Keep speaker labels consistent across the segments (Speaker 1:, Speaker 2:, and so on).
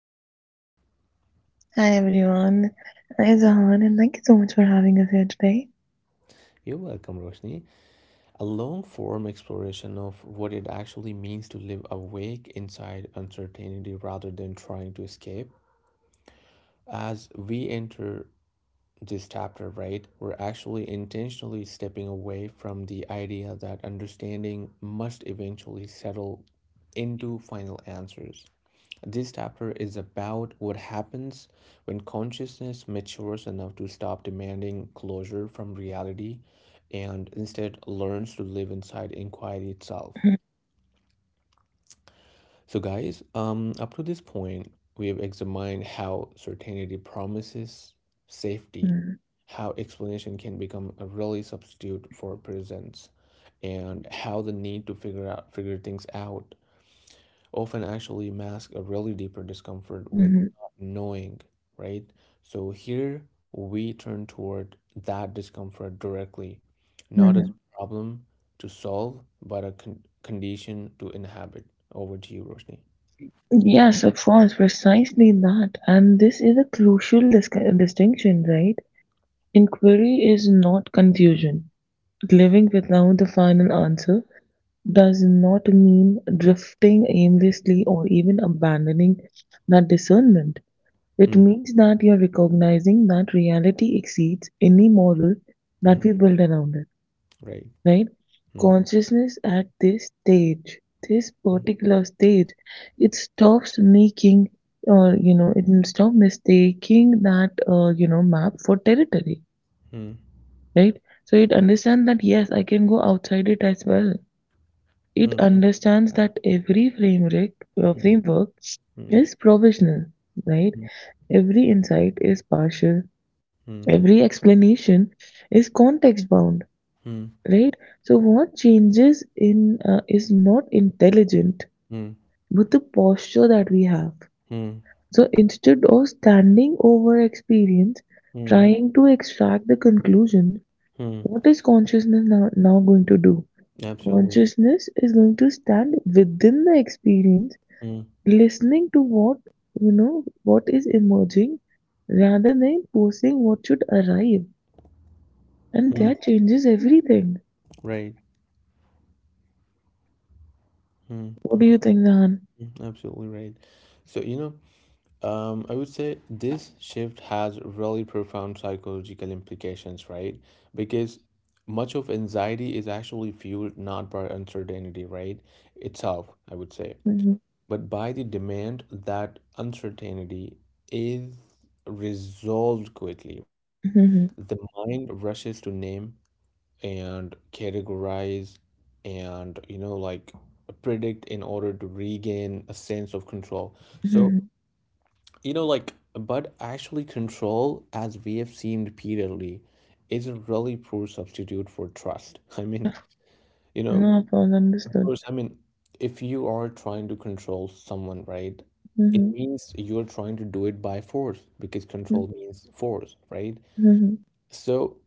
Speaker 1: host Roshni.
Speaker 2: Hi everyone, I am Zahan and thank you so much for having us here today.
Speaker 1: You're welcome, Roshni. A long form exploration of what it actually means to live awake inside uncertainty rather than trying to escape. As we enter this chapter, right, we're actually intentionally stepping away from the idea that understanding must eventually settle into final answers. This chapter is about what happens when consciousness matures enough to stop demanding closure from reality and instead learns to live inside inquiry itself. So, guys, up to this point, we've examined how certainty promises safety,
Speaker 2: Mhm,
Speaker 1: how explanation can become a really substitute for presence, and how the need to figure things out often actually masks a really deeper discomfort with
Speaker 2: mhm,
Speaker 1: not knowing, right? So here we turn toward that discomfort directly, not as
Speaker 2: mhm.
Speaker 1: a problem to solve, but a condition to inhabit. Over to you, Roshni.
Speaker 2: Yes, of course, precisely that. And this is a crucial distinction, right? Inquiry is not confusion. Living without the final answer does not mean drifting aimlessly or even abandoning that discernment. It means that you're recognizing that reality exceeds any model that
Speaker 1: Mm,
Speaker 2: we build around it,
Speaker 1: right.
Speaker 2: right?
Speaker 1: Mm,
Speaker 2: Consciousness at this stage, this
Speaker 1: mm,
Speaker 2: particular stage, it stops making or it stops mistaking that map for territory,
Speaker 1: mm,
Speaker 2: right? So it understands that yes, I can go outside it as well. It
Speaker 1: mm,
Speaker 2: understands that every framework uh,
Speaker 1: mm,
Speaker 2: framework
Speaker 1: mm,
Speaker 2: is provisional, right? Every insight is partial.
Speaker 1: mm,
Speaker 2: Every explanation is context bound,
Speaker 1: mm, mm,
Speaker 2: right? So what changes in is not intelligent,
Speaker 1: mm,
Speaker 2: but the posture that we have.
Speaker 1: mm,
Speaker 2: So instead of standing over experience,
Speaker 1: mm,
Speaker 2: trying to extract the conclusion,
Speaker 1: mm.
Speaker 2: what is consciousness now going to do?
Speaker 1: Absolutely.
Speaker 2: Consciousness is going to stand within the experience,
Speaker 1: Mm,
Speaker 2: listening to what what is emerging rather than posing what should arrive. And
Speaker 1: mm,
Speaker 2: that changes everything.
Speaker 1: right. Mm,
Speaker 2: What do you think, Nahan?
Speaker 1: mm, absolutely right. So, you know, I would say this shift has really profound psychological implications, right? Because much of anxiety is actually fueled not by uncertainty, right? Itself, I would say.
Speaker 2: Mhm,
Speaker 1: But by the demand that uncertainty is resolved quickly, right?
Speaker 2: mhm,
Speaker 1: The mind rushes to name and categorize and, like predict in order to regain a sense of control. So,
Speaker 2: mhm.
Speaker 1: like, but actually, control, as we have seen repeatedly, is a really poor substitute for trust. I mean, you know,
Speaker 2: No, I understood.
Speaker 1: course, I mean, if you are trying to control someone, right, it
Speaker 2: Mhm,
Speaker 1: means you're trying to do it by force because
Speaker 2: mhm,
Speaker 1: control means force, right?
Speaker 2: mhm,
Speaker 1: So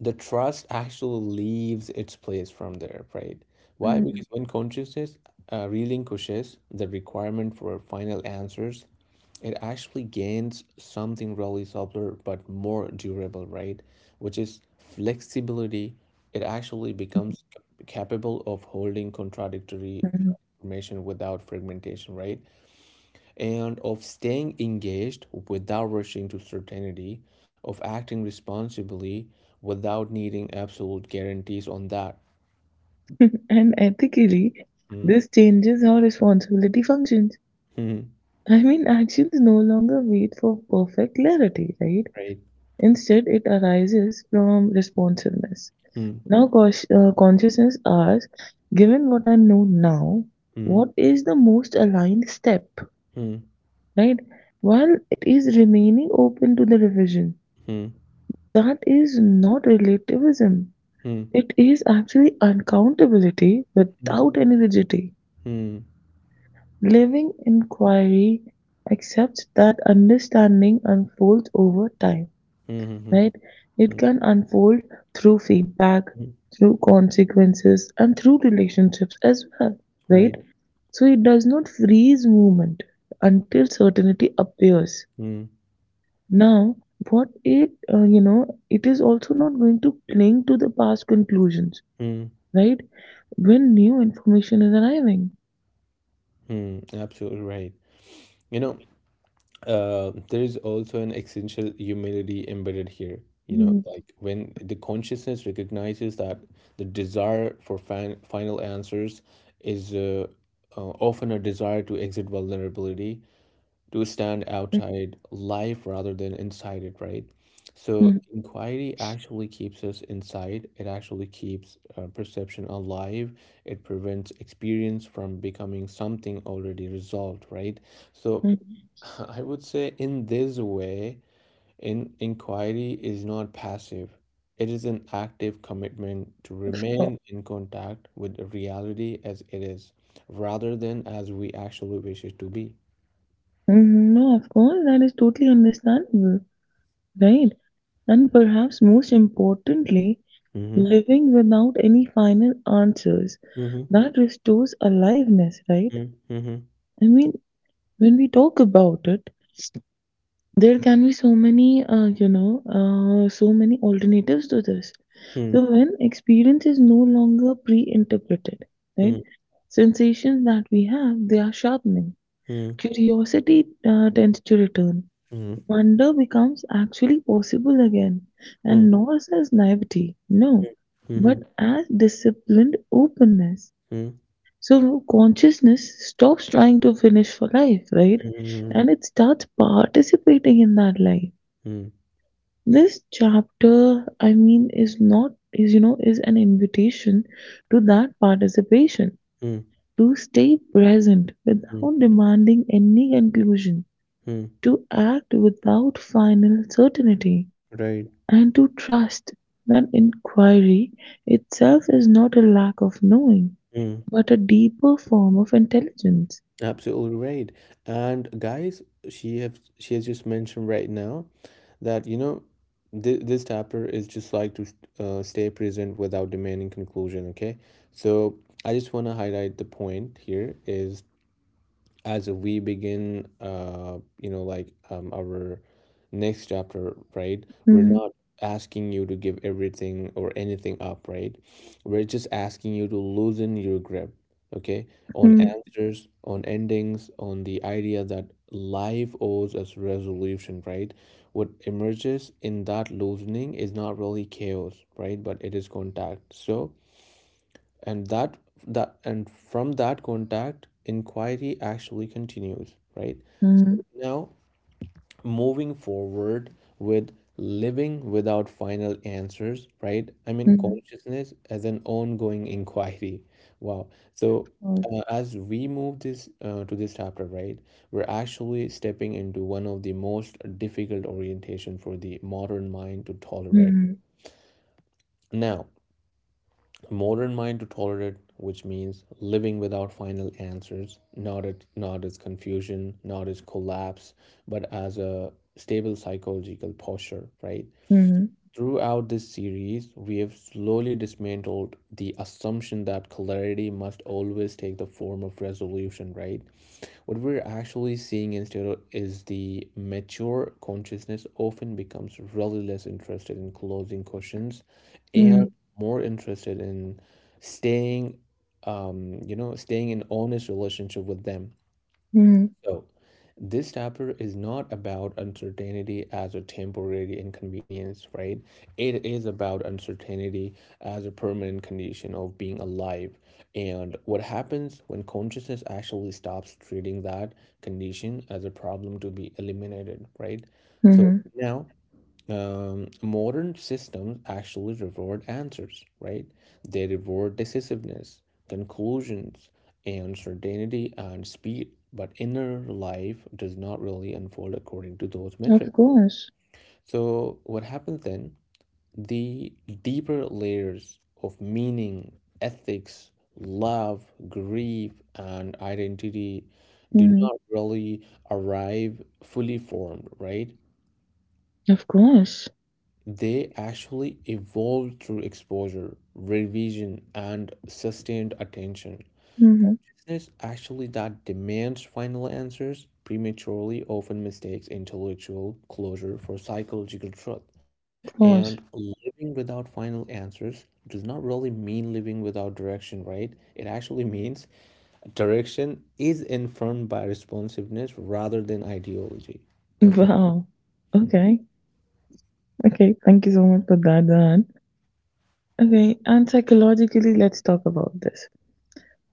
Speaker 1: the trust actually leaves its place from there, right? Why?
Speaker 2: mhm,
Speaker 1: Because when consciousness relinquishes the requirement for final answers, it actually gains something really subtler but more durable, right? Which is flexibility. It actually becomes capable of holding contradictory
Speaker 2: mhm.
Speaker 1: information without fragmentation, right? And of staying engaged without rushing to certainty, of acting responsibly without needing absolute guarantees on that.
Speaker 2: And ethically,
Speaker 1: Hmm.
Speaker 2: this changes how responsibility functions.
Speaker 1: Hmm.
Speaker 2: I mean, actions no longer wait for perfect clarity, right?
Speaker 1: Right.
Speaker 2: Instead, it arises from responsiveness.
Speaker 1: Hmm.
Speaker 2: Now, consciousness asks, given what I know now,
Speaker 1: Hmm.
Speaker 2: what is the most aligned step?
Speaker 1: Hmm.
Speaker 2: Right? While it is remaining open to the revision.
Speaker 1: Hmm.
Speaker 2: That is not relativism.
Speaker 1: Hmm. Hmm.
Speaker 2: It is actually uncountability
Speaker 1: Hmm.
Speaker 2: without any rigidity.
Speaker 1: Hmm. Hmm.
Speaker 2: Living inquiry accepts that understanding unfolds over time,
Speaker 1: Hmm.
Speaker 2: right?
Speaker 1: Hmm.
Speaker 2: It can unfold through feedback,
Speaker 1: Hmm.
Speaker 2: through consequences, and through relationships as well, right?
Speaker 1: Right.
Speaker 2: So it does not freeze movement until certainty appears.
Speaker 1: Hmm.
Speaker 2: Now, it is also not going to cling to the past conclusions,
Speaker 1: Hmm.
Speaker 2: right? When new information is arriving.
Speaker 1: Hmm. Absolutely right. You know, there is also an essential humility embedded here. You know,
Speaker 2: Mhm,
Speaker 1: like when the consciousness recognizes that the desire for final answers is often a desire to exit vulnerability to stand outside life rather than inside it, right? So
Speaker 2: mhm,
Speaker 1: inquiry actually keeps us inside. It actually keeps perception alive. It prevents experience from becoming something already resolved, right? So
Speaker 2: mhm.
Speaker 1: I would say in this way, in inquiry is not passive. It is an active commitment to
Speaker 2: Sure.
Speaker 1: remain in contact with the reality as it is, rather than as we actually wish it to be.
Speaker 2: Mhm. No, of course, that is totally understandable, right? And perhaps most importantly,
Speaker 1: Mm-hmm.
Speaker 2: living without any final answers.
Speaker 1: Mm-hmm.
Speaker 2: That restores aliveness, right?
Speaker 1: Mhm, mhm,
Speaker 2: I mean, when we talk about it, there can be so many alternatives to this, so
Speaker 1: mhm,
Speaker 2: when experience is no longer pre-interpreted, right?
Speaker 1: mhm,
Speaker 2: Sensations that we have, they are sharpening.
Speaker 1: mhm,
Speaker 2: Curiosity tends to return.
Speaker 1: mhm,
Speaker 2: Wonder becomes actually possible again,
Speaker 1: mhm,
Speaker 2: and not as naivety, no, but
Speaker 1: mhm,
Speaker 2: as disciplined openness.
Speaker 1: mhm,
Speaker 2: So consciousness stops trying to finish for life, right?
Speaker 1: mhm,
Speaker 2: And it starts participating in that life.
Speaker 1: mhm,
Speaker 2: This chapter, I mean, is not, is an invitation to that participation,
Speaker 1: mhm,
Speaker 2: to stay present
Speaker 1: mhm,
Speaker 2: without demanding any conclusion,
Speaker 1: mhm.
Speaker 2: to act without final certainty,
Speaker 1: Right.
Speaker 2: and to trust that inquiry itself is not a lack of knowing,
Speaker 1: Mm,
Speaker 2: but a deeper form of intelligence.
Speaker 1: absolutely right. And guys, she has just mentioned right now that you know th this chapter is just like to stay present without demanding conclusion. Okay, so I just want to highlight the point here is as we begin you know like our next chapter, right, we're
Speaker 2: Mhm,
Speaker 1: not asking you to give everything or anything up, right? We're just asking you to loosen your grip, okay, on
Speaker 2: mhm,
Speaker 1: answers, on endings, on the idea that life owes us resolution, right? What emerges in that loosening is not really chaos, right, but it is contact. So and that that and from that contact inquiry actually continues, right?
Speaker 2: mhm,
Speaker 1: So now moving forward with living without final answers, right, I mean
Speaker 2: mhm,
Speaker 1: consciousness as an ongoing inquiry. Wow. So
Speaker 2: oh,
Speaker 1: as we move this to this chapter, right, we're actually stepping into one of the most difficult orientation for the modern mind to tolerate.
Speaker 2: mhm,
Speaker 1: Now modern mind to tolerate, which means living without final answers, not as confusion, not as collapse, but as a stable psychological posture, right?
Speaker 2: mhm,
Speaker 1: Throughout this series, we have slowly dismantled the assumption that clarity must always take the form of resolution, right? What we're actually seeing instead is the mature consciousness often becomes really less interested in closing questions
Speaker 2: mhm,
Speaker 1: and more interested in staying, you know, staying in honest relationship with them.
Speaker 2: mhm,
Speaker 1: So, this chapter is not about uncertainty as a temporary inconvenience, right? It is about uncertainty as a permanent condition of being alive. And what happens when consciousness actually stops treating that condition as a problem to be eliminated, right? So,
Speaker 2: mhm.
Speaker 1: now modern systems actually reward answers, right? They reward decisiveness, conclusions, and certainty and speed. But inner life does not really unfold according to those metrics.
Speaker 2: Of course.
Speaker 1: So, what happens then? The deeper layers of meaning, ethics, love, grief, and identity do
Speaker 2: Mhm.
Speaker 1: not really arrive fully formed, right?
Speaker 2: Of course.
Speaker 1: They actually evolve through exposure, revision, and sustained attention.
Speaker 2: Mhm.
Speaker 1: It's actually that demands final answers prematurely often mistakes intellectual closure for psychological truth.
Speaker 2: Of
Speaker 1: And
Speaker 2: course.
Speaker 1: living without final answers does not really mean living without direction, right? It actually means direction is informed by responsiveness rather than ideology. Roshi.
Speaker 2: Wow.
Speaker 1: Hmm.
Speaker 2: Okay. Okay. Thank you so much for that, Dan. Okay. And psychologically, let's talk about this.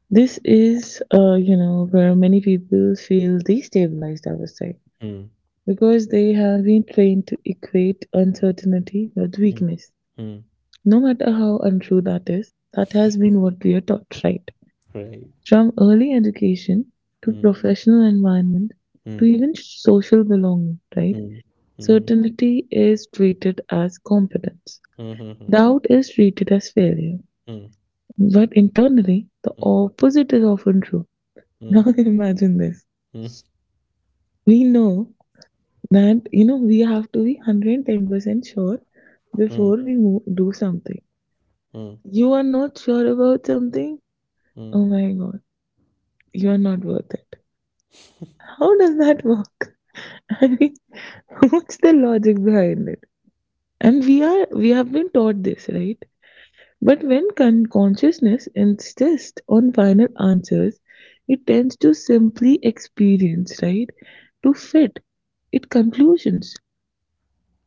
Speaker 2: This is, where many people feel destabilized, I would say,
Speaker 1: Hmm.
Speaker 2: because they have been trained to equate uncertainty with
Speaker 1: Hmm.
Speaker 2: weakness.
Speaker 1: Hmm.
Speaker 2: No matter how untrue that is, that has been what we are taught, right?
Speaker 1: Right.
Speaker 2: From early education to
Speaker 1: Hmm.
Speaker 2: professional environment to
Speaker 1: Hmm.
Speaker 2: even social belonging, right?
Speaker 1: Mhm, mhm,
Speaker 2: Certainty is treated as competence.
Speaker 1: mhm,
Speaker 2: Doubt is treated as failure.
Speaker 1: mhm,
Speaker 2: But internally, the
Speaker 1: mhm,
Speaker 2: opposite is often true. Now
Speaker 1: mhm,
Speaker 2: imagine this.
Speaker 1: mhm,
Speaker 2: We know that, we have to be 110% sure before we move, do something.
Speaker 1: mhm,
Speaker 2: You are not sure about something?
Speaker 1: mhm,
Speaker 2: Oh my god, you are not worth it. How does that work? I mean, what's the logic behind it? And we have been taught this, right? But when consciousness insists on final answers, it tends to simply experience, right? To fit its conclusions.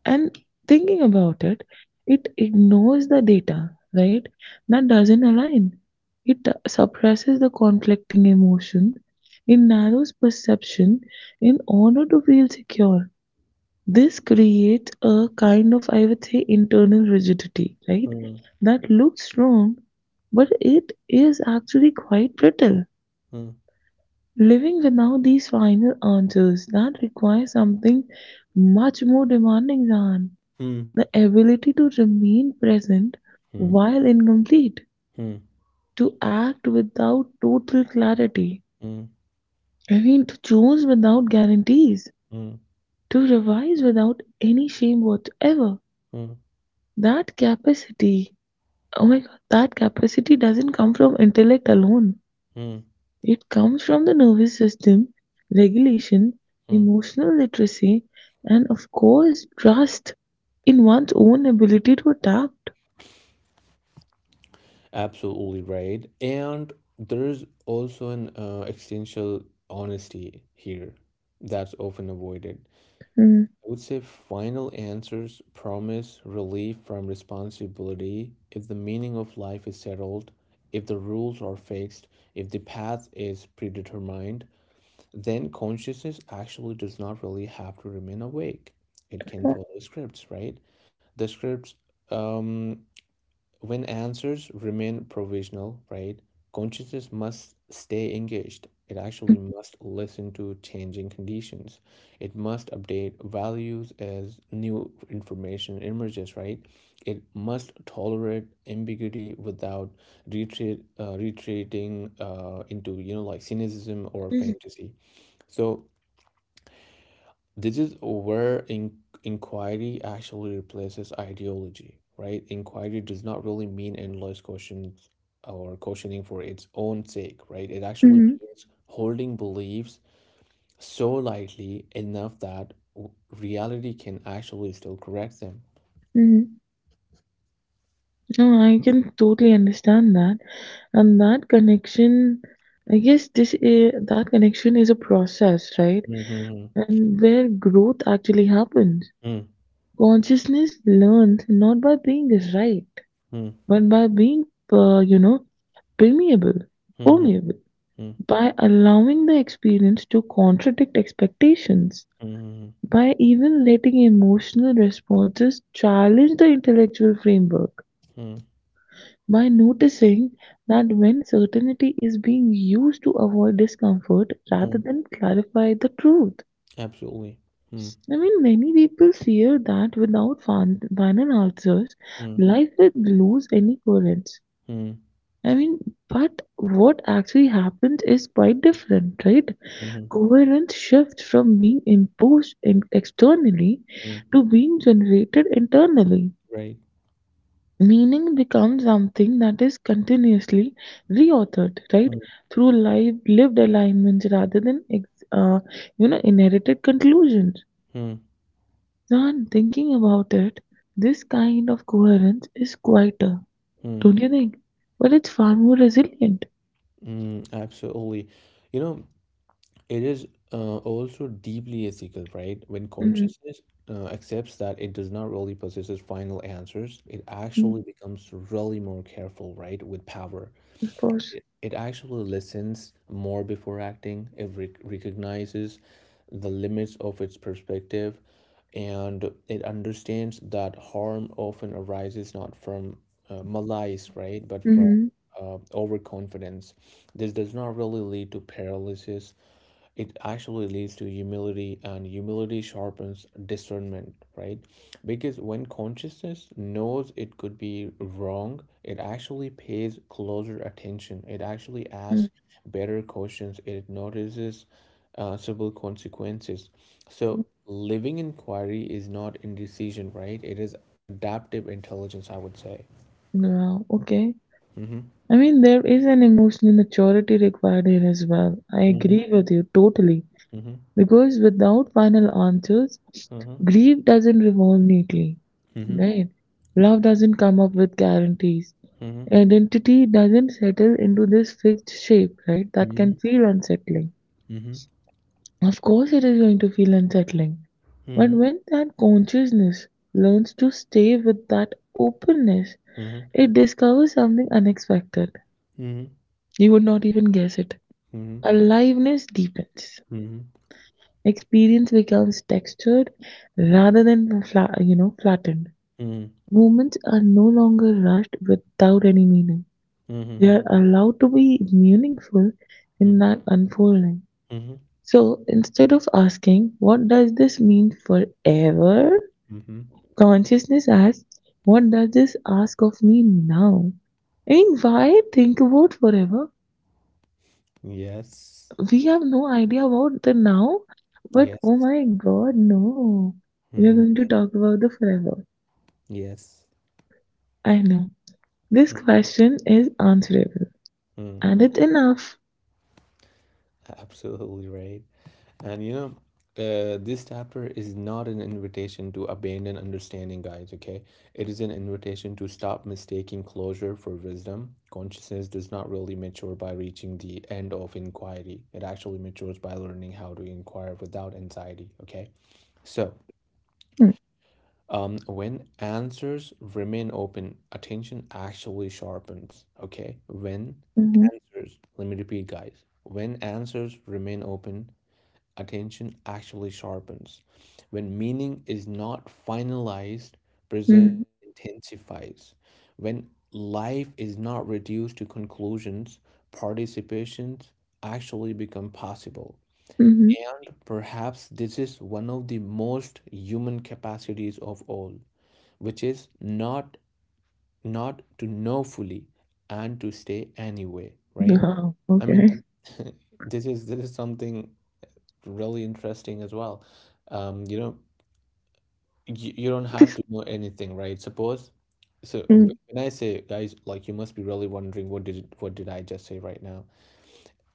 Speaker 2: And thinking about it, it ignores the data, right? That doesn't align. It suppresses the conflicting emotion. It narrows perception in order to feel secure. This creates a kind of, I would say, internal rigidity, right?
Speaker 1: mhm,
Speaker 2: That looks strong, but it is actually quite brittle.
Speaker 1: mhm, mhm, mhm,
Speaker 2: Living without these final answers, that requires something much more demanding than
Speaker 1: mhm, mhm,
Speaker 2: the ability to remain present
Speaker 1: mhm,
Speaker 2: while incomplete, to act without total clarity, I mean, to choose without guarantees,
Speaker 1: mhm,
Speaker 2: to revise without any shame whatsoever.
Speaker 1: mhm,
Speaker 2: That capacity, oh my god, that capacity doesn't come from intellect alone.
Speaker 1: mhm,
Speaker 2: It comes from the nervous system, regulation,
Speaker 1: mhm.
Speaker 2: emotional literacy, and of course, trust in one's own ability to adapt.
Speaker 1: Absolutely right. And there's also an existential honesty here that's often avoided.
Speaker 2: Mm.
Speaker 1: I would say final answers promise relief from responsibility if the meaning of life is settled, if the rules are fixed, if the path is predetermined, then consciousness actually does not really have to remain awake. It can follow scripts, right? The scripts, um, when answers remain provisional, right? Consciousness must stay engaged. It actually must listen to changing conditions. It must update values as new information emerges, right? It must tolerate ambiguity without retreating into, like cynicism or fantasy. So this is where inquiry actually replaces ideology, right? Inquiry does not really mean endless questions or questioning for its own sake, right? It actually
Speaker 2: Mhm.
Speaker 1: means holding beliefs so lightly enough that reality can actually still correct them.
Speaker 2: Mhm. No, I can totally understand that. And that connection, I guess that connection is a process, right?
Speaker 1: Mhm.
Speaker 2: And where growth actually happens.
Speaker 1: Mm,
Speaker 2: Consciousness learns not by being right,
Speaker 1: mm,
Speaker 2: but by being, uh, you know, permeable,
Speaker 1: mhm,
Speaker 2: permeable,
Speaker 1: mm,
Speaker 2: by allowing the experience to contradict expectations,
Speaker 1: mhm,
Speaker 2: by even letting emotional responses challenge the intellectual framework,
Speaker 1: mm,
Speaker 2: by noticing that when certainty is being used to avoid discomfort rather
Speaker 1: mm.
Speaker 2: than clarify the truth.
Speaker 1: Absolutely. Mm,
Speaker 2: I mean, many people fear that without final answers,
Speaker 1: mm,
Speaker 2: life will lose any coherence.
Speaker 1: mm,
Speaker 2: I mean, but what actually happens is quite different, right?
Speaker 1: mhm,
Speaker 2: Coherence shifts from being imposed in externally
Speaker 1: mm.
Speaker 2: to being generated internally.
Speaker 1: Right.
Speaker 2: Meaning becomes something that is continuously reauthored, right?
Speaker 1: Mm,
Speaker 2: Through lived alignments rather than inherited conclusions.
Speaker 1: mm,
Speaker 2: Now I'm thinking about it, this kind of coherence is quieter,
Speaker 1: mm.
Speaker 2: don't you think? But it's far more resilient.
Speaker 1: Mm, absolutely. You know, it is also deeply ethical, right? When
Speaker 2: Mm,
Speaker 1: consciousness accepts that it does not really possess its final answers, it
Speaker 2: mm.
Speaker 1: actually becomes really more careful, right, with power
Speaker 2: Of course.
Speaker 1: it actually listens more before acting. It recognizes the limits of its perspective and it understands that harm often arises not from malice, right, but from
Speaker 2: Mm-hmm.
Speaker 1: overconfidence. This does not really lead to paralysis, it actually leads to humility, and humility sharpens discernment, right? Because when consciousness knows it could be wrong, it actually pays closer attention, it actually
Speaker 2: Mm-hmm.
Speaker 1: asks better questions, it notices subtle consequences. So living inquiry is not indecision, right, it is adaptive intelligence, I would say.
Speaker 2: Wow, okay.
Speaker 1: Mm-hmm.
Speaker 2: I mean, there is an emotional maturity required here as well. I
Speaker 1: Mm-hmm.
Speaker 2: agree with you totally.
Speaker 1: Mm-hmm.
Speaker 2: Because without final answers,
Speaker 1: Mm-hmm.
Speaker 2: grief doesn't revolve neatly, right? Love doesn't come up with guarantees.
Speaker 1: Mm-hmm.
Speaker 2: Identity doesn't settle into this fixed shape, right? That can
Speaker 1: Mm-hmm.
Speaker 2: feel unsettling.
Speaker 1: Mm-hmm.
Speaker 2: Of course, it is going to feel unsettling. But
Speaker 1: Mm-hmm.
Speaker 2: when that consciousness learns to stay with that openness,
Speaker 1: Mm-hmm. Mm-hmm.
Speaker 2: it discovers something unexpected.
Speaker 1: Mm-hmm.
Speaker 2: You would not even guess it.
Speaker 1: Mm-hmm.
Speaker 2: Aliveness deepens.
Speaker 1: Mhm,
Speaker 2: Experience becomes textured rather than, flattened.
Speaker 1: mhm,
Speaker 2: Moments are no longer rushed without any meaning. They
Speaker 1: mhm,
Speaker 2: are allowed to be meaningful
Speaker 1: mhm,
Speaker 2: in that unfolding.
Speaker 1: mhm,
Speaker 2: So instead of asking, what does this mean forever?
Speaker 1: mhm.
Speaker 2: Consciousness asks, what does this ask of me now? I mean, why think about forever?
Speaker 1: Yes,
Speaker 2: We have no idea about the now, but
Speaker 1: yes,
Speaker 2: oh my god, no. We are
Speaker 1: mhm,
Speaker 2: going to
Speaker 1: yes,
Speaker 2: talk about the forever.
Speaker 1: yes.
Speaker 2: I know. This question is answerable
Speaker 1: Mm,
Speaker 2: and it's enough.
Speaker 1: absolutely right. And this chapter is not an invitation to abandon understanding, guys, okay? It is an invitation to stop mistaking closure for wisdom. Consciousness does not really mature by reaching the end of inquiry, it actually matures by learning how to inquire without anxiety, okay? So,
Speaker 2: Hmm.
Speaker 1: When answers remain open, attention actually sharpens. Okay, when
Speaker 2: Mhm,
Speaker 1: answers, let me repeat, guys. When answers remain open, attention actually sharpens. When meaning is not finalized, presence
Speaker 2: mhm,
Speaker 1: intensifies. When life is not reduced to conclusions, participations actually become possible.
Speaker 2: mhm.
Speaker 1: And perhaps this is one of the most human capacities of all which is not not to know fully and to stay anyway, right?
Speaker 2: Oh.
Speaker 1: I
Speaker 2: Okay.
Speaker 1: mean this is something really interesting as well, you know, you don't have to know anything, right? Suppose so
Speaker 2: Mm,
Speaker 1: when I say guys like you must be really wondering what did I just say right now.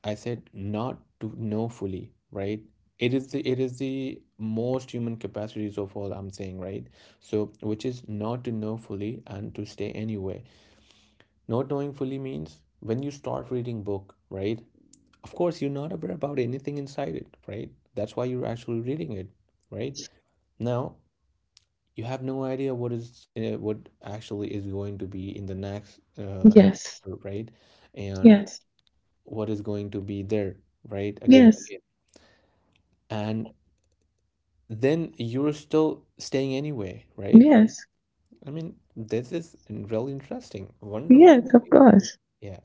Speaker 1: I said not to know fully, right? It is the most human capacities of all, I'm saying, right? So which is not to know fully and to stay anywhere. Not knowing fully means when you start reading book, right? Of course, you're not aware about anything inside it, right? That's why you're actually reading it, right? Now you have no idea what is what actually is going to be in the next
Speaker 2: yes,
Speaker 1: chapter, right? And
Speaker 2: yes,
Speaker 1: what is going to be there, right? Again,
Speaker 2: yes,
Speaker 1: again. And then you're still staying anyway, right?
Speaker 2: yes,
Speaker 1: I mean, this is really interesting, wonderful.
Speaker 2: yes, of course.
Speaker 1: Yeah.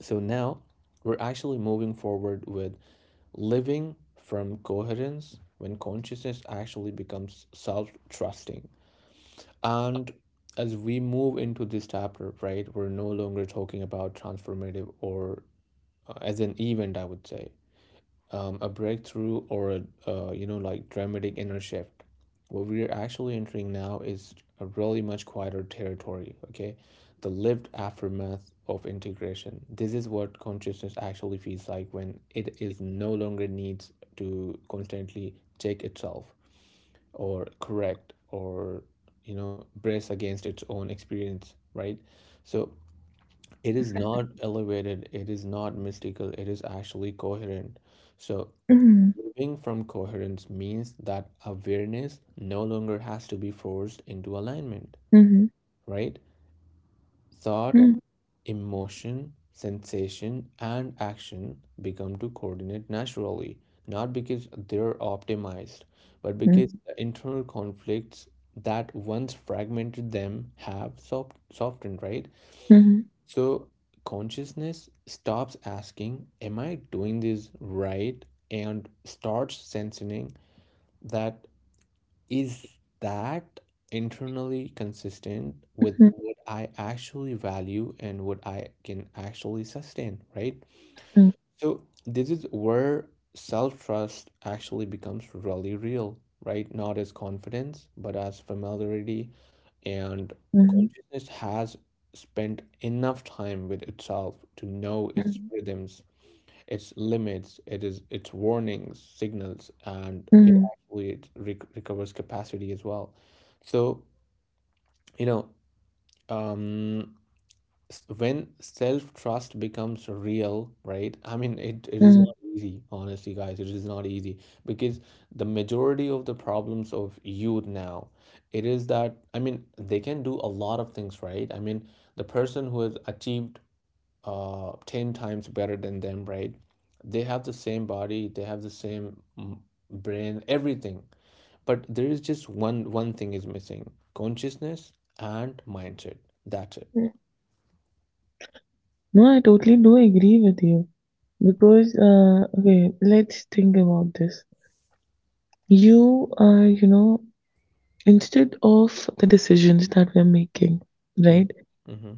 Speaker 1: So now we're actually moving forward with living from coherence when consciousness actually becomes self trusting. And as we move into this chapter, right, we're no longer talking about transformative or as an event, I would say a breakthrough or a you know like dramatic inner shift. What we are actually entering now is a really much quieter territory. Okay, the lived aftermath of integration. This is what consciousness actually feels like when it is no longer needs to constantly check itself or correct or brace against its own experience. Right. So it is not elevated. It is not mystical. It is actually coherent. So
Speaker 2: Mhm,
Speaker 1: moving from coherence means that awareness no longer has to be forced into alignment,
Speaker 2: mhm,
Speaker 1: right? Thought,
Speaker 2: mhm,
Speaker 1: emotion, sensation, and action become to coordinate naturally, not because they're optimized, but because the internal conflicts that once fragmented them have softened, right?
Speaker 2: mhm,
Speaker 1: So consciousness stops asking, am I doing this right? And starts sensing that is that internally consistent with
Speaker 2: mhm,
Speaker 1: what I actually value and what I can actually sustain, right?
Speaker 2: mhm,
Speaker 1: So this is where self-trust actually becomes really real, right? Not as confidence, but as familiarity, and
Speaker 2: mhm,
Speaker 1: consciousness has spent enough time with itself to know its
Speaker 2: mhm,
Speaker 1: rhythms, its limits, it is its warnings, signals, and it
Speaker 2: mhm,
Speaker 1: actually recovers capacity as well. So you know, um, when self trust becomes real, right? I mean, it is
Speaker 2: mhm.
Speaker 1: not easy, honestly, guys. It is not easy because the majority of the problems of youth now, it is that, I mean, they can do a lot of things, right? I mean, the person who has achieved 10 times better than them, right? They have the same body, they have the same brain, everything. But there is just one thing is missing, consciousness and mindset. That's it.
Speaker 2: No, I totally do agree with you because okay, let's think about this. You are, instead of the decisions that we're making, right?
Speaker 1: Mm-hmm.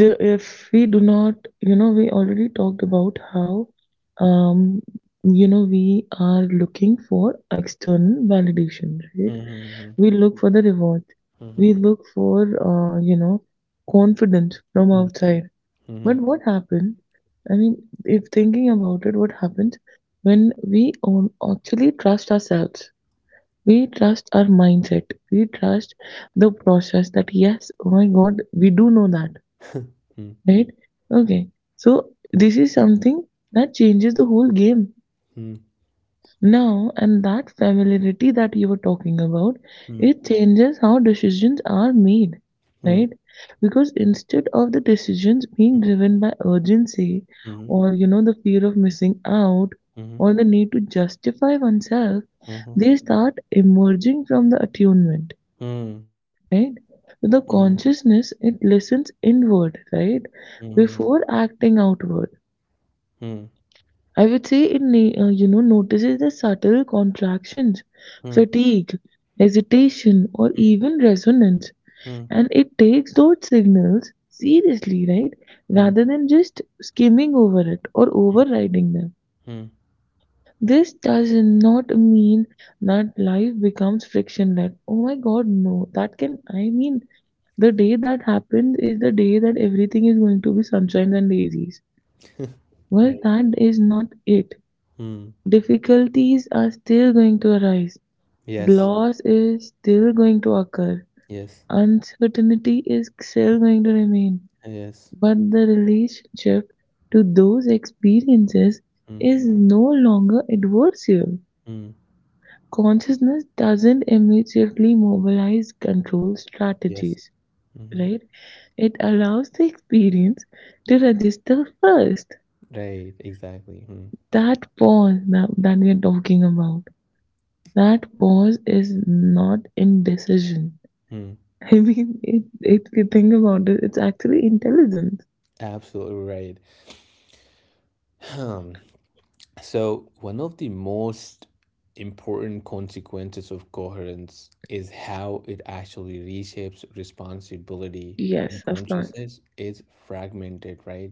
Speaker 2: The, if we do not, you know, we already talked about how, um you know, we are looking for external validation, right?
Speaker 1: Mm-hmm.
Speaker 2: We look for the reward. We
Speaker 1: Mm-hmm.
Speaker 2: look for uh, you know confidence from
Speaker 1: Mm-hmm.
Speaker 2: outside.
Speaker 1: Mm-hmm.
Speaker 2: But what happened, I mean, if thinking about it, what happens when we own, actually trust ourselves? We trust our mindset. We trust the process that yes, oh my god, we do know that. Right? Okay. So this is something that changes the whole game.
Speaker 1: Mm-hmm.
Speaker 2: Now, and that familiarity that you were talking about, it changes how decisions are made,
Speaker 1: Mm-hmm.
Speaker 2: right? Because instead of the decisions being driven by urgency
Speaker 1: Mm-hmm. Mm-hmm.
Speaker 2: or, the fear of missing out
Speaker 1: Mm-hmm.
Speaker 2: or the need to justify oneself,
Speaker 1: Mm-hmm.
Speaker 2: they start emerging from the attunement, right? With the consciousness, it listens inward, right? Before acting outward. I would say it notices the subtle contractions, fatigue, hesitation, or even resonance.
Speaker 1: Mm-hmm.
Speaker 2: And it takes those signals seriously, right?
Speaker 1: Mm-hmm.
Speaker 2: Rather than just skimming over it or overriding them.
Speaker 1: Mm-hmm.
Speaker 2: This does not mean that life becomes frictionless. Oh my god, no. That can, I mean, the day that happens is the day that everything is going to be sunshine and daisies. Well,
Speaker 1: Right.
Speaker 2: that is not it.
Speaker 1: Mm.
Speaker 2: Difficulties are still going to arise,
Speaker 1: Yes.
Speaker 2: loss is still going to occur,
Speaker 1: Yes.
Speaker 2: uncertainty is still going to remain,
Speaker 1: Yes.
Speaker 2: but the relationship to those experiences is no longer adversarial.
Speaker 1: Mm,
Speaker 2: Consciousness doesn't immediately mobilize control
Speaker 1: yes.
Speaker 2: strategies,
Speaker 1: Hmm.
Speaker 2: right? It allows the experience to register first.
Speaker 1: Right, exactly. Mm,
Speaker 2: That pause that we are talking about. That pause is not indecision.
Speaker 1: mm,
Speaker 2: I mean, if you think about it, it's actually intelligence.
Speaker 1: absolutely right. Um, so, one of the most important consequences of coherence is how it actually reshapes responsibility when
Speaker 2: Yes, of course.
Speaker 1: consciousness is fragmented, right?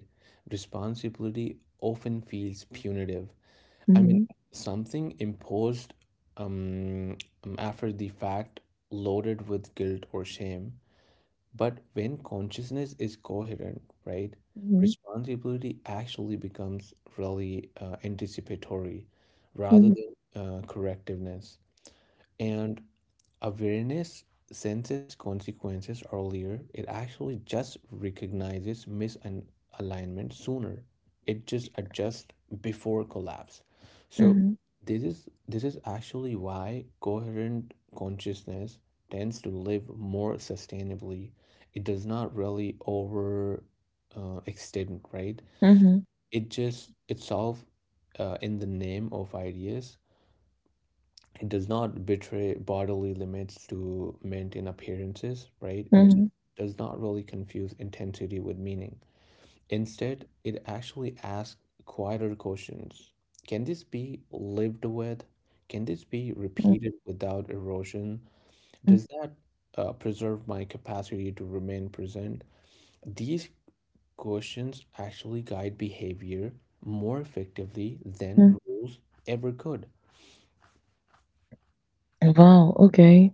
Speaker 1: Responsibility often feels punitive. I mean,
Speaker 2: Mm-hmm.
Speaker 1: something imposed um, after the fact, loaded with guilt or shame. But when consciousness is coherent, right,
Speaker 2: Mm-hmm.
Speaker 1: responsibility actually becomes really anticipatory rather
Speaker 2: Mm-hmm.
Speaker 1: than correctiveness. And awareness senses consequences earlier, it actually just recognizes misalignment sooner. It just adjusts before collapse. So this is actually why coherent consciousness tends to live more sustainably. It does not really over extend, right?
Speaker 2: Mm-hmm.
Speaker 1: It just it solves in the name of ideas, it does not betray bodily limits to maintain appearances, right? It
Speaker 2: Mm-hmm.
Speaker 1: does not really confuse intensity with meaning. Instead, it actually asks quieter questions. Can this be lived with? Can this be
Speaker 2: Mm-hmm.
Speaker 1: repeated without erosion? Does that preserve my capacity to remain present? These questions actually guide behavior more effectively than
Speaker 2: Mm-hmm.
Speaker 1: rules ever could.
Speaker 2: Wow, okay.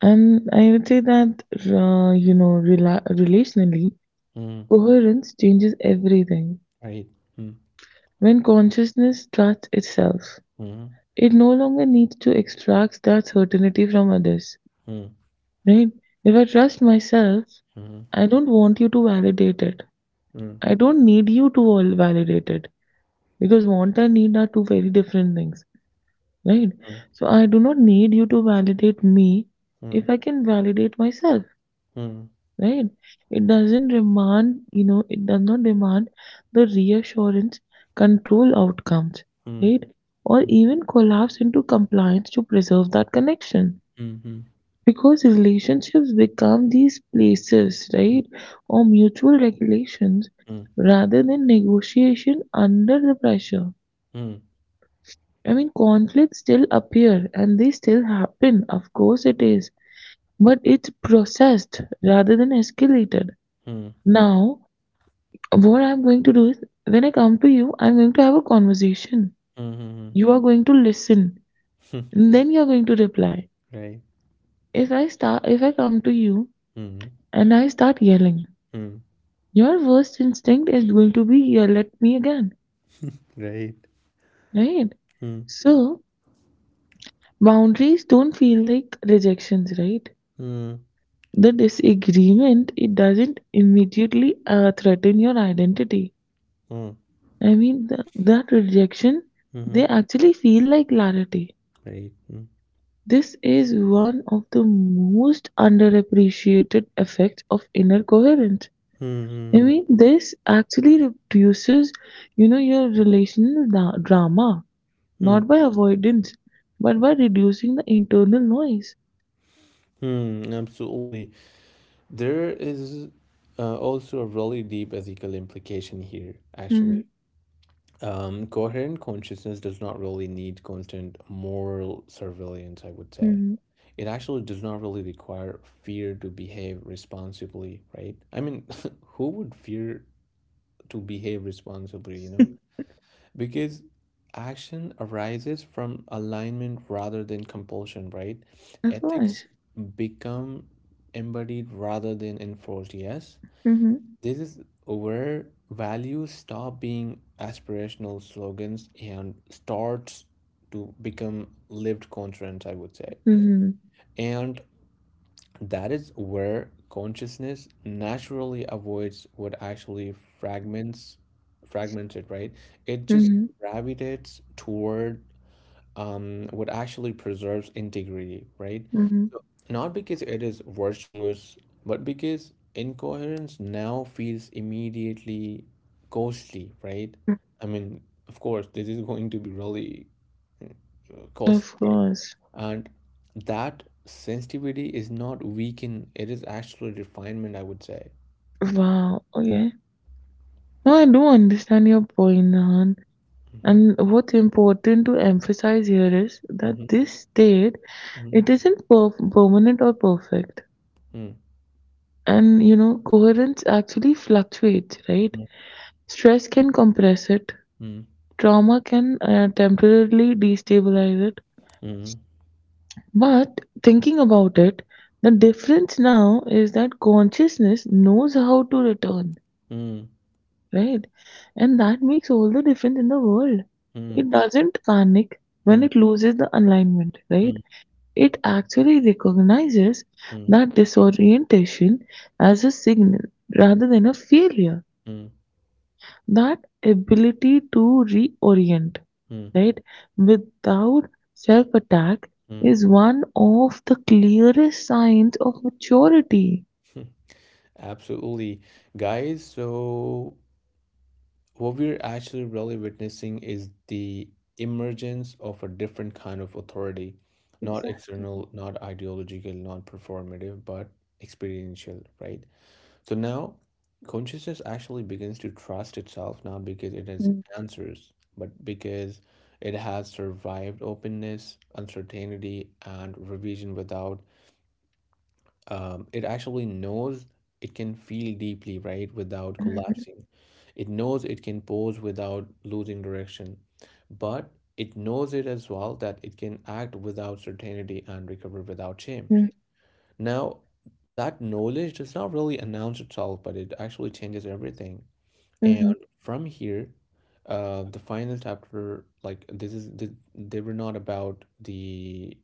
Speaker 2: And I would say that, relationally,
Speaker 1: Mm,
Speaker 2: coherence changes everything.
Speaker 1: right. Mm,
Speaker 2: When consciousness trusts itself,
Speaker 1: mm,
Speaker 2: it no longer needs to extract that certainty from others,
Speaker 1: mm.
Speaker 2: right? If I trust myself,
Speaker 1: Mhm,
Speaker 2: I don't want you to validate it.
Speaker 1: mm,
Speaker 2: I don't need you to all validate it because want and need are two very different things, right?
Speaker 1: mm,
Speaker 2: So I do not need you to validate me
Speaker 1: mm,
Speaker 2: if I can validate myself,
Speaker 1: mm,
Speaker 2: right? It doesn't demand, you know, it does not demand the reassurance, control outcomes, right?
Speaker 1: mm,
Speaker 2: Or even collapse into compliance to preserve that connection.
Speaker 1: mm, mhm,
Speaker 2: Because relationships become these places, right, or mutual regulations
Speaker 1: mm,
Speaker 2: rather than negotiation under the pressure.
Speaker 1: mm,
Speaker 2: I mean, conflicts still appear and they still happen, of course it is, but it's processed rather than escalated.
Speaker 1: mm, mm,
Speaker 2: Now, what I'm going to do is when I come to you, I'm going to have a conversation.
Speaker 1: mhm,
Speaker 2: You
Speaker 1: mhm.
Speaker 2: are going to listen, and then you're going to reply.
Speaker 1: Right.
Speaker 2: If I come to you
Speaker 1: Mhm,
Speaker 2: and I start yelling,
Speaker 1: mm,
Speaker 2: your worst instinct is going to be, "Yeah, let me." Again,
Speaker 1: right.
Speaker 2: right.
Speaker 1: Mm,
Speaker 2: So boundaries don't feel like rejections, right?
Speaker 1: mm,
Speaker 2: The disagreement, it doesn't immediately threaten your identity.
Speaker 1: mm,
Speaker 2: I mean, that rejection, they
Speaker 1: mhm,
Speaker 2: actually feel like clarity.
Speaker 1: right. Mm,
Speaker 2: This is one of the most underappreciated effects of inner coherence. I
Speaker 1: mm,
Speaker 2: mean, this actually reduces, your relational drama,
Speaker 1: mm,
Speaker 2: not by avoidance, but by reducing the internal noise.
Speaker 1: mm, mm, absolutely. There is also a really deep ethical implication here,
Speaker 2: Mm-hmm.
Speaker 1: actually. Coherent consciousness does not really need constant moral surveillance, I would say.
Speaker 2: Mm-hmm.
Speaker 1: It actually does not really require fear to behave responsibly, right? I mean, who would fear to behave responsibly, you know? Because action arises from alignment rather than compulsion, right?
Speaker 2: Of
Speaker 1: Ethics
Speaker 2: course.
Speaker 1: become embodied rather than enforced, yes?
Speaker 2: Mm-hmm.
Speaker 1: This is where values stop being aspirational slogans and starts to become lived constraints, I would say.
Speaker 2: Mm-hmm.
Speaker 1: And that is where consciousness naturally avoids what actually fragments it, right? It just
Speaker 2: Mm-hmm.
Speaker 1: gravitates toward what actually preserves integrity, right?
Speaker 2: Mm-hmm.
Speaker 1: Not because it is virtuous, but because incoherence now feels immediately costly, right? I mean, of course, this is going to be really uh, costly,
Speaker 2: Of
Speaker 1: right?
Speaker 2: course.
Speaker 1: And that sensitivity is not weakened, it is actual refinement, I would say.
Speaker 2: Wow. Okay. Now I do understand your point, Nahan.
Speaker 1: Mm-hmm.
Speaker 2: And what's important to emphasize here is that
Speaker 1: Mm-hmm.
Speaker 2: this state,
Speaker 1: Mm-hmm.
Speaker 2: it isn't permanent or perfect.
Speaker 1: Mm-hmm.
Speaker 2: And you know, coherence actually fluctuates, right? Stress can compress it,
Speaker 1: Mm-hmm.
Speaker 2: trauma can temporarily destabilize it,
Speaker 1: Mm-hmm.
Speaker 2: but thinking about it, the difference now is that consciousness knows how to return,
Speaker 1: Mm-hmm.
Speaker 2: right? And that makes all the difference in the world. It doesn't panic when it loses the alignment, right? It actually recognizes
Speaker 1: Mm-hmm.
Speaker 2: that disorientation as a signal rather than a failure.
Speaker 1: Mm-hmm.
Speaker 2: That ability to reorient,
Speaker 1: Mm-hmm.
Speaker 2: right, without self attack is one of the clearest signs of maturity.
Speaker 1: Absolutely, guys. So, what we're actually really witnessing is the emergence of a different kind of authority, not
Speaker 2: Exactly.
Speaker 1: external, not ideological, not performative, but experiential, right? So now consciousness actually begins to trust itself not because it has
Speaker 2: Mm-hmm.
Speaker 1: answers, but because it has survived openness, uncertainty, and revision without, it actually knows it can feel deeply, right, without
Speaker 2: Mm-hmm.
Speaker 1: collapsing. It knows it can pause without losing direction, but it knows it as well that it can act without certainty and recover without shame. Now, that knowledge does not really announce itself, but it actually changes everything.
Speaker 2: Mm-hmm,
Speaker 1: And from here, the final chapter, like they were not about the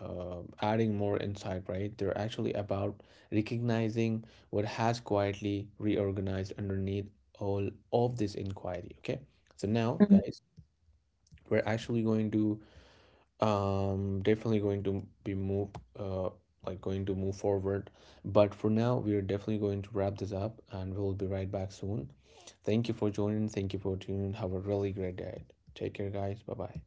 Speaker 1: adding more insight, right? They're actually about recognizing what has quietly reorganized underneath all of this inquiry. Okay, so now,
Speaker 2: mm-hmm.
Speaker 1: guys, we're actually going to definitely going to be move, uh, like going to move forward. But for now, we are definitely going to wrap this up, and we will be right back soon. Thank you for joining. Thank you for tuning in. Have a really great day. Take care, guys. Bye bye.